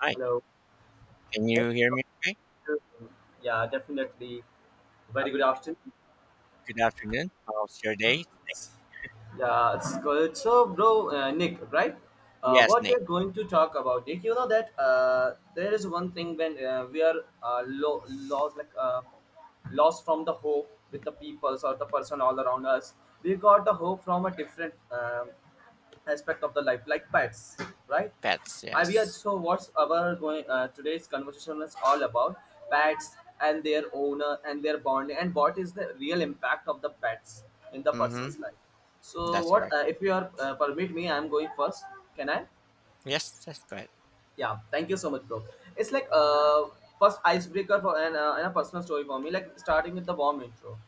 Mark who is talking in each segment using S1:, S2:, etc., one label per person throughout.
S1: Hi,
S2: Hello.
S1: can
S2: Let's
S1: you hear me okay?
S2: to- yeah, definitely. Very good
S1: Okay,
S2: afternoon.
S1: good afternoon. How's your day?
S2: Yeah, it's good. So, bro, Nick, right?
S1: Yes,
S2: What we are
S1: Nick.
S2: going to talk about, Nick, you know that there is one thing when we are lost, lost from the hope with the peoples or the person all around us. We got the hope from a different aspect of the life like pets, right?
S1: Pets,
S2: I Avia,
S1: yes.
S2: so what's our going, today's conversation is all about pets and their owner and their bonding and what is the real impact of the pets in the
S1: Mm-hmm.
S2: person's life. So
S1: That's
S2: what,
S1: correct.
S2: if you are, permit me, I'm going first. Can I?
S1: Yes, that's correct.
S2: Yeah, thank you so much, bro. It's like First icebreaker for and a personal story for me, like starting with the warm intro.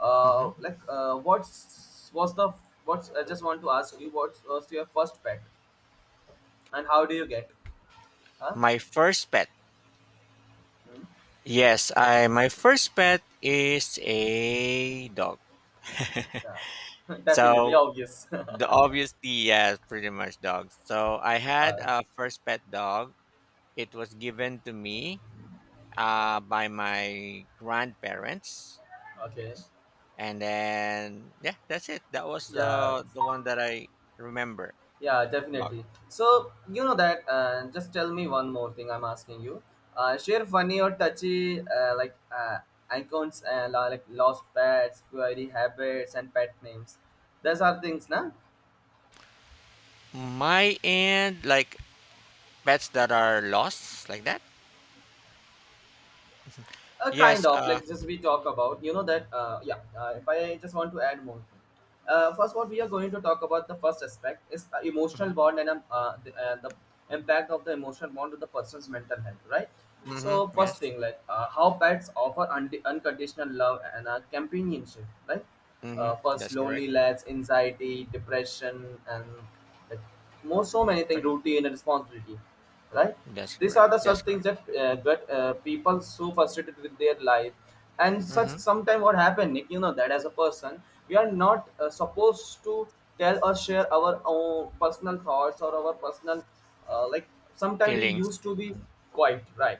S1: Mm-hmm.
S2: Like what's was the what's I just want to ask you, what was your first pet and how do you get? Huh?
S1: My first pet.
S2: Hmm?
S1: Yes, I my first pet is a dog.
S2: Yeah. Definitely
S1: so
S2: obvious.
S1: the obviously, yeah, pretty much dogs. So I had
S2: uh,
S1: a first pet dog. It was given to me by my grandparents.
S2: okay.
S1: Yes, and then yeah, that's it. That was
S2: Yeah.
S1: the one that I remember.
S2: Yeah,
S1: Dog.
S2: definitely. So you know that. Just tell me one more thing. I'm asking you. Share funny or touchy icons, like lost pets, query habits, and pet names. Those are things, na?
S1: My end, like pets that are lost, like that.
S2: A kind
S1: Yes.
S2: of like, just we talk about, you know that, yeah, if I just want to add more thing. Uh, first, what we are going to talk about, the first aspect is the emotional
S1: Hmm.
S2: bond, and the impact of the emotional bond to the person's mental health, right?
S1: Hmm.
S2: So first
S1: Yes.
S2: thing, like, how pets offer unconditional love and companionship, right?
S1: Hmm.
S2: First,
S1: That's correct.
S2: loneliness, anxiety, depression, and like more, so many things,
S1: Fe-
S2: routine and responsibility, right?
S1: That's
S2: These
S1: correct.
S2: are the
S1: That's
S2: such things
S1: correct.
S2: that get people so frustrated with their life. And such
S1: Hmm.
S2: sometime, what happened, Nick, you know that, as a person, we are not supposed to tell or share our own personal thoughts or our personal, uh, like sometimes we used
S1: Feelings.
S2: to be quiet, right?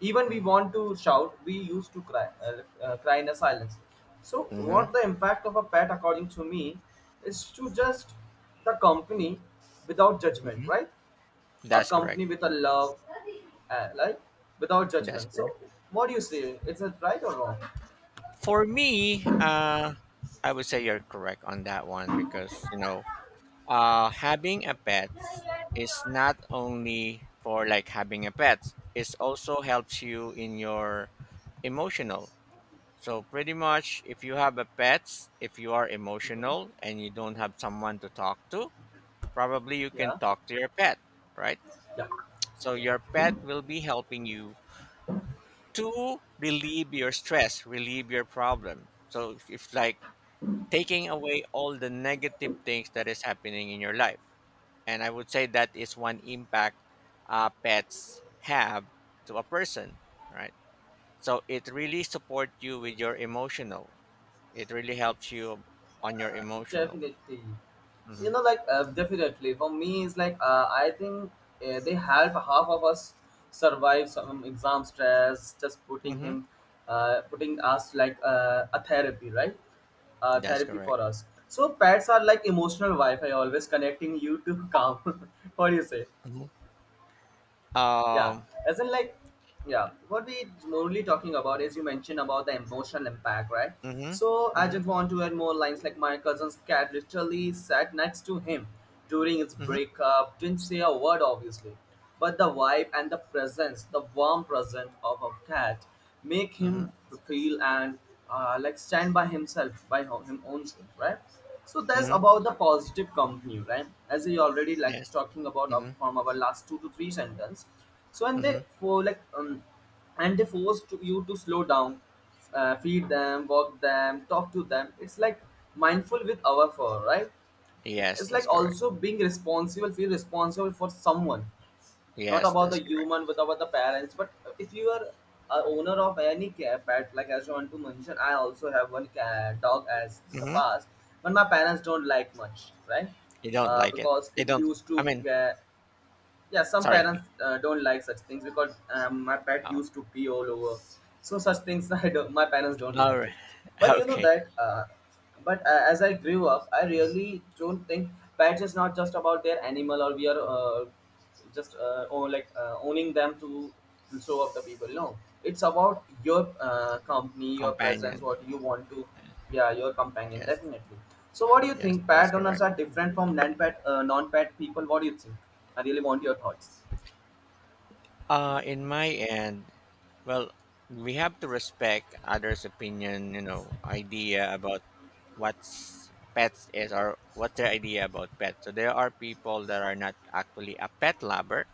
S2: Even we
S1: Hmm.
S2: want to shout, we used to cry, cry in a silence. So
S1: Hmm.
S2: what the impact of a pet, according to me, is to just the company without judgment,
S1: Hmm.
S2: right?
S1: That's correct.
S2: Accompany with a love, uh, like without
S1: That's
S2: judgment. So,
S1: correct.
S2: what do you say? Is it right or wrong?
S1: For me, I would say you're correct on that one because, you know, having a pet is not only for like having a pet, it also helps you in your emotional. So pretty much if you have a pet, if you are
S2: Hmm.
S1: emotional and you don't have someone to talk to, probably you can
S2: Yeah,
S1: talk to your pet, right?
S2: yeah,
S1: So your
S2: yeah,
S1: pet will be helping you to relieve your stress, relieve your problem, so if like taking away all the negative things that is happening in your life. And I would say that is one impact pets have to a person, right? So it really supports you with your emotional. It really helps you on your emotional.
S2: definitely. You
S1: Hmm.
S2: know, like, definitely for me, it's like, I think they help half of us survive some exam stress. Just putting
S1: Hmm.
S2: him, putting us like, a therapy, right?
S1: That's
S2: Therapy for
S1: correct.
S2: us. So pets are like emotional Wi-Fi, always connecting you to calm. What do you say?
S1: Mhm.
S2: Yeah,
S1: Um.
S2: as in like, yeah, what we normally talking about is, you mentioned about the emotional impact, right?
S1: Hmm.
S2: So I
S1: Hmm.
S2: just want to add more lines, like my cousin's cat literally sat next to him during his
S1: Hmm.
S2: breakup, didn't say a word, obviously, but the vibe and the presence, the warm presence of a cat make
S1: Hmm.
S2: him feel and stand by himself by him own self, right? So that's
S1: Hmm.
S2: about the positive company, right, as we already like
S1: Yes.
S2: talking about up
S1: Hmm.
S2: from our last two to three sentence. So and they
S1: Hmm.
S2: for like, and they you to slow down, feed them, walk them, talk to them. It's like mindful with our fur, right?
S1: Yes,
S2: It's like
S1: that's correct.
S2: also being responsible, feel responsible for someone, not
S1: Yes,
S2: about the
S1: that's correct.
S2: human but about the parents. But if you are a owner of any cat pet, like as you want to mention, I also have one cat dog as in the
S1: Hmm.
S2: past, but my parents don't like much, right?
S1: You don't
S2: Uh,
S1: like it.
S2: because
S1: You
S2: it
S1: don't.
S2: used
S1: I
S2: to,
S1: mean,
S2: yeah, some
S1: sorry.
S2: parents don't like such things, because my pet
S1: Oh,
S2: used to pee all over. So such things, I don't, my parents don't
S1: all
S2: like
S1: right.
S2: it. But you know
S1: Okay.
S2: that but as I grew up, I really don't think pets is not just about their animal, or we are, just or owning them to show up the people, no, it's about your, company, your presence,
S1: Companion.
S2: what you want to. Yeah, your companion,
S1: Yes.
S2: definitely. So what do you
S1: Yes,
S2: think?
S1: that's
S2: Pet owners
S1: correct.
S2: are different from non-pet people, what do you think? I really want your thoughts.
S1: In my end, well, we have to respect others' opinion, you know, idea about what's pets is or what's their idea about pets. So there are people that are not actually a pet lover.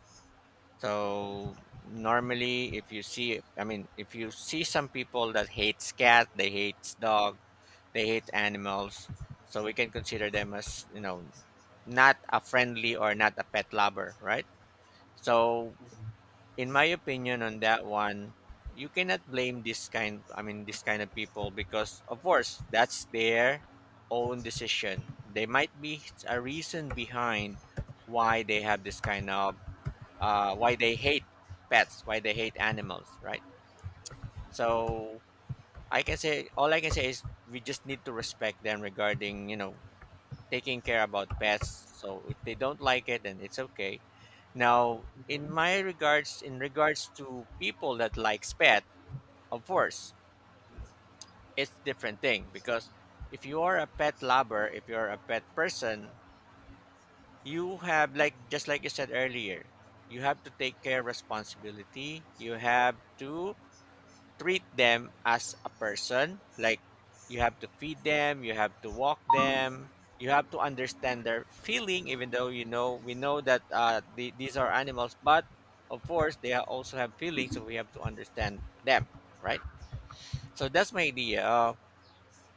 S1: So normally, if you see, I mean, if you see some people that hates cat, they hates dog, they hate animals. So we can consider them as, you know, not a friendly or not a pet lover, right? So in my opinion on that one, you cannot blame this kind, I mean, this kind of people because, of course, that's their own decision. There might be a reason behind why they have this kind of, why they hate pets, why they hate animals, right? So I can say, all I can say is we just need to respect them regarding, you know, taking care about pets. So if they don't like it, then it's okay. Now, in
S2: Mm-hmm.
S1: my regards, in regards to people that likes pet, of course, it's different thing because if you are a pet lover, if you're a pet person, you have like, just like you said earlier, you have to take care responsibility. You have to treat them as a person. Like, you have to feed them, you have to walk them, you have to understand their feeling, even though, you know, we know that these are animals, but of course they also have feelings, so we have to understand them, right? So that's my idea.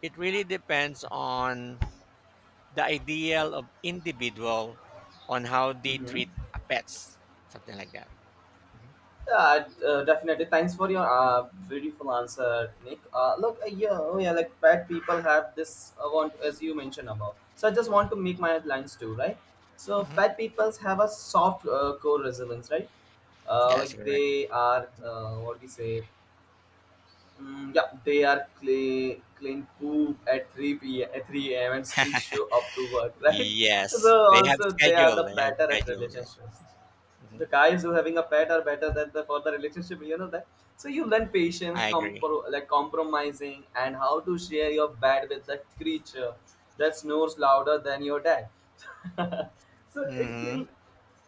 S1: It really depends on the ideal of individual on how they treat
S2: Mm-hmm.
S1: a pets, something like that. Mhm.
S2: Yeah, I- definitely. Thanks for your beautiful answer, Nick. Look, yeah, oh yeah, like bad people have this want as you mentioned about. So I just want to make my lines too, right? So
S1: Mhm.
S2: bad peoples have a soft core resilience, right?
S1: Yes,
S2: Like
S1: correct.
S2: they are, what do you say. Mm, yeah, they are clean, clean poop at 3 p.m. at 3 a.m. and still show up to work, right? So
S1: Yes, they have
S2: also they are
S1: schedule.
S2: the
S1: They have
S2: better at
S1: schedule.
S2: relationships.
S1: Mhm.
S2: The guys who having a pet are better than the for the relationship, you know that. So you learn patience,
S1: I agree.
S2: compromising, and how to share your bed with that creature that snores louder than your dad. So it
S1: Mhm.
S2: will,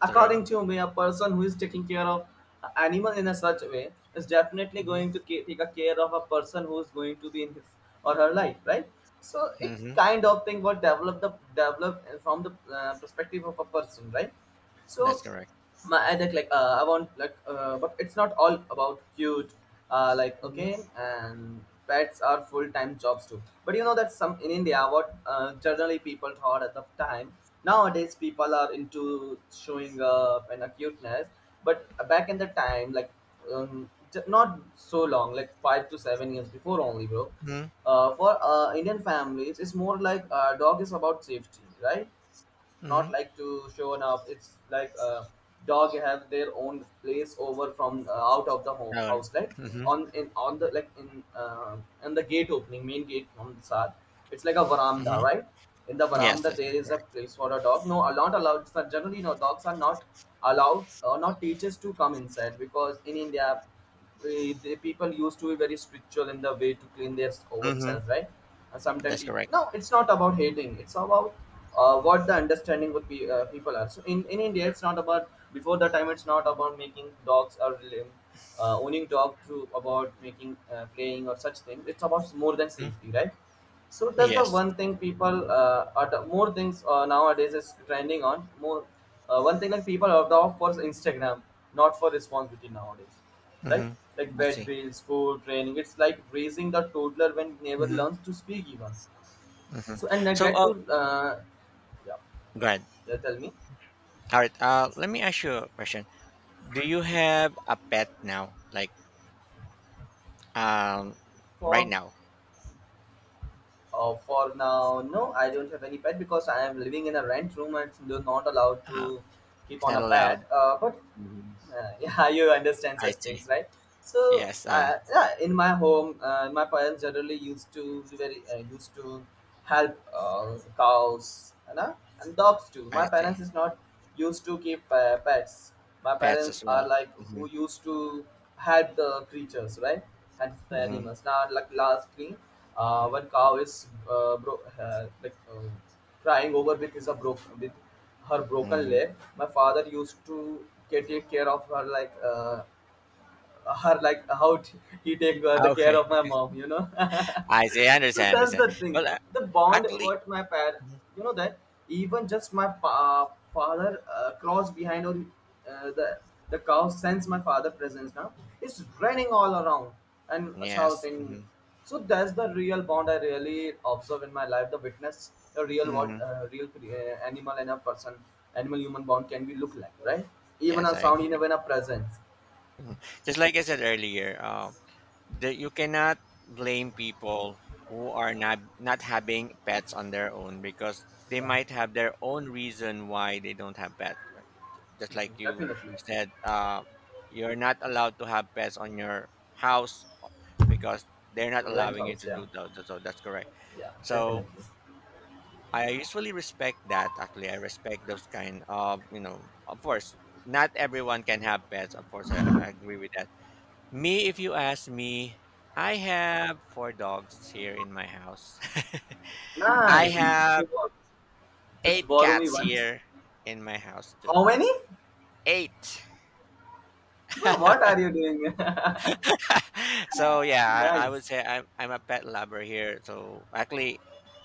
S2: according
S1: True.
S2: to me, a person who is taking care of an animal in a such way is definitely
S1: Mhm.
S2: going to take a care of a person who is going to be in his or her life, right? So it
S1: Mhm.
S2: kind of thing what develop the develop from the perspective of a person, right? So
S1: That's correct.
S2: my, I think like, I want like but it's not all about cute,
S1: Mhm.
S2: okay, and pets are full time jobs too. But you know that, some in India, what, generally people thought at the time, nowadays people are into showing up and a cuteness, but back in the time, like, not so long, like 5 to 7 years before only, bro.
S1: Mhm.
S2: For Indian families, it's more like, dog is about safety, right? Not
S1: Mhm.
S2: like to show up. It's like, dog have their own place over from, out of the
S1: Right.
S2: house, like
S1: Mhm.
S2: on in on the like in, in the gate opening, main gate from the side. It's like a veranda,
S1: Mhm.
S2: right? In the
S1: Yes,
S2: veranda,
S1: that's
S2: there is a
S1: correct.
S2: place for a dog. No, are not allowed. So generally, no dogs are not allowed or not teachers to come inside, because in India, eh, the people used to be very spiritual in the way to clean their own
S1: Mhm.
S2: self, right? And sometimes
S1: That's
S2: people,
S1: correct.
S2: no, it's not about hating. It's about, what the understanding with people are. So in India, it's not about before the time. It's not about making dogs or, owning dog to about making, playing or such things. It's about more than
S1: Mhm.
S2: safety, right? So that's the
S1: Yes.
S2: one thing people, more things, nowadays is trending on more. One thing, like people are off for Instagram, not for responsibility nowadays. Like
S1: Mhm.
S2: like
S1: I
S2: bed
S1: see.
S2: bills, food, training. It's like raising the toddler when never
S1: Mhm.
S2: learns to speak even.
S1: Mhm.
S2: So and I
S1: So,
S2: get
S1: oh,
S2: to, yeah,
S1: go ahead.
S2: yeah. Tell me.
S1: All right. Let me ask you a question. Do you have a pet now? Like, um, right
S2: For
S1: now?
S2: for now, no, I don't have any pet because I am living in a rent room and it's not allowed
S1: Uh,
S2: to keep
S1: it's
S2: on
S1: not
S2: a pet.
S1: allowed.
S2: But
S1: Mhm.
S2: yeah, you understand such
S1: I see.
S2: things, right? So
S1: Yes.
S2: yeah, in my home, my parents generally used to be very used to help, cows, you know, and dogs too. My
S1: I
S2: parents
S1: see.
S2: is not used to keep pets. My
S1: Pets
S2: parents
S1: as well.
S2: are like who
S1: Mhm.
S2: used to help the creatures, right? And the
S1: Mhm.
S2: animals, now like last thing, when cow is, crying over because of broke with her broken
S1: Mhm.
S2: leg. My father used to take care of her like, her like how he take the care
S1: Okay.
S2: of my mom, you know.
S1: I see. I
S2: So
S1: understand.
S2: that's
S1: Understand.
S2: the thing,
S1: Well,
S2: the bond
S1: actually.
S2: what my parent,
S1: Mhm.
S2: you know that, even just my father cross behind or uh, the the cow sense my father presence now is running all around and
S1: Yes.
S2: shouting.
S1: Hmm.
S2: So that's the real bond I really observe in my life, the witness the real what,
S1: Hmm.
S2: animal and a person, animal human bond can be look like, right? Even
S1: Yes,
S2: a
S1: I
S2: sound,
S1: agree.
S2: even a presence.
S1: Mhm. Just like I said earlier, that you cannot blame people who are not having pets on their own because they
S2: Yeah.
S1: might have their own reason why they don't have pets. Like, just like
S2: Mhm,
S1: you
S2: definitely.
S1: said, you're not allowed to have pets on your house because they're not
S2: Rent
S1: allowing you
S2: house,
S1: to
S2: yeah.
S1: do that. So, that's correct.
S2: Yeah, definitely.
S1: So I usually respect that. Actually, I respect those kind of, you know. Of course, not everyone can have pets. Of course, I agree with that. Me, if you ask me, I have four dogs here in my house. I
S2: Nice. So,
S1: have
S2: just
S1: eight
S2: borrow me
S1: cats
S2: once.
S1: here in my house too.
S2: How many?
S1: Eight.
S2: Bro, what are you doing?
S1: So yeah, I
S2: Nice.
S1: would say I'm a pet lover here. So actually,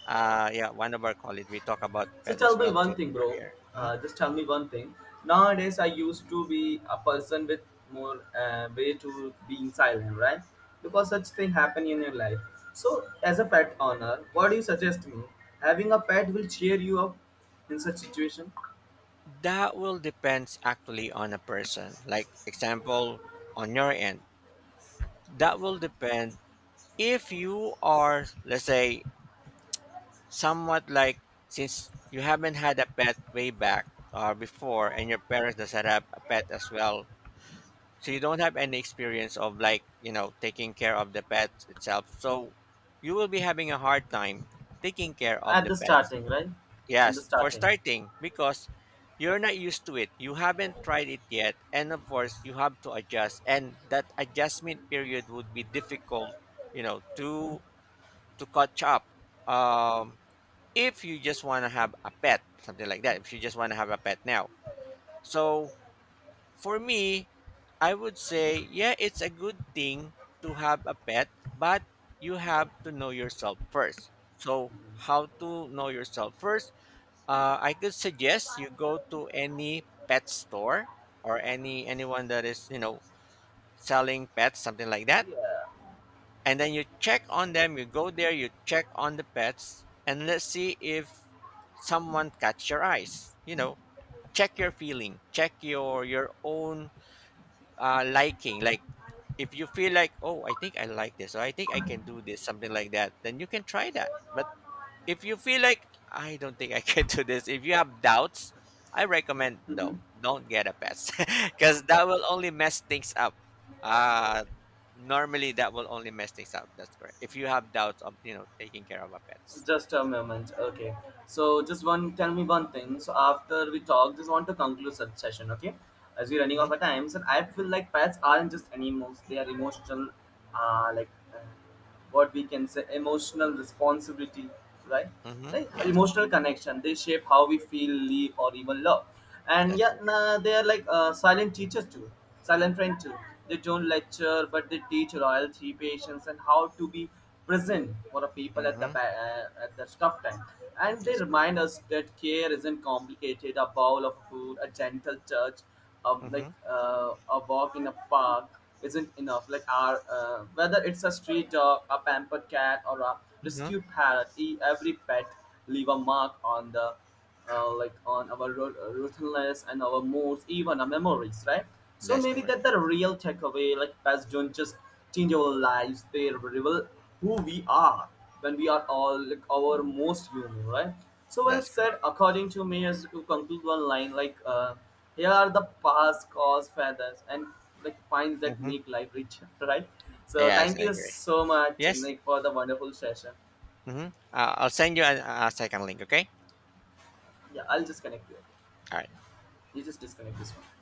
S1: yeah, one of our colleagues we talk about
S2: So
S1: pets
S2: tell
S1: as
S2: me
S1: well
S2: one
S1: too
S2: thing, bro.
S1: earlier. Mm-hmm.
S2: Just tell me one thing. Nowadays, I used to be a person with more, way to being silent, right? Because such thing happen in your life. So, as a pet owner, what do you suggest me? Having a pet will cheer you up in such situation
S1: That will depends actually on a person. Like example on your end, that will depend if you are, let's say, somewhat like since you haven't had a pet way back or before and your parents doesn't have a pet as well. So you don't have any experience of like, you know, taking care of the pets itself. So you will be having a hard time taking care of
S2: at
S1: the
S2: the
S1: pets.
S2: starting, right? In the
S1: Yes, for
S2: starting.
S1: starting, because you're not used to it. You haven't tried it yet. And of course, you have to adjust. And that adjustment period would be difficult, you know, to catch up. Um, if you just want to have a pet, something like that, if you just want to have a pet now. So for me, I would say, yeah, it's a good thing to have a pet, but you have to know yourself first. So, how to know yourself first? I could suggest you go to any pet store or anyone that is, you know, selling pets, something like that,
S2: Yeah.
S1: and then you check on them. You go there, you check on the pets, and let's see if someone catch your eyes. You know, check your feeling, check your own liking. Like if you feel like, oh, I think I like this, or I think I can do this, something like that, then you can try that. But if you feel like I don't think I can do this, if you have doubts, I recommend
S2: Hmm.
S1: no, don't get a pet because that will only mess things up. Uh Normally that will only mess things up. That's correct. If you have doubts of, you know, taking care of a pets.
S2: Just a moment. Okay. So just one, tell me one thing. So after we talk, just want to conclude such session. Okay. As we're running out
S1: Hmm.
S2: of time, so I feel like pets aren't just animals. They are emotional, uh, like uh, what we can say, emotional responsibility, right?
S1: Hmm.
S2: Like
S1: Yes,
S2: emotional connection. They shape how we feel, live, or even love. And
S1: that's
S2: yeah,
S1: correct.
S2: nah, they are like, silent teachers too, silent friend too. They don't lecture, but they teach loyalty, patience, and how to be present for the people at the
S1: Hmm.
S2: at the tough time. And they
S1: That's correct.
S2: remind us that care isn't complicated, a bowl of food, a gentle touch,
S1: Hmm.
S2: a walk in a park isn't enough, like our, whether it's a street dog, a pampered cat, or a
S1: Hmm.
S2: rescued parrot, every pet leave a mark on the, on our, ruthless and our moods, even our memories, right? So
S1: That's
S2: maybe
S1: correct.
S2: that the real takeaway, like pets don't just change our lives; they reveal who we are when we are all like our most human, right? So well
S1: That's
S2: said.
S1: correct.
S2: According to me, as to conclude one line, like, here are the past cause feathers and like finds that
S1: Hmm.
S2: make life richer, right? So
S1: Yes,
S2: thank
S1: I
S2: you
S1: agree.
S2: so much,
S1: Yes.
S2: Nick, for the wonderful session.
S1: Hmm. I'll send you a second link. Okay.
S2: Yeah, I'll just connect you.
S1: All right.
S2: You just disconnect this one.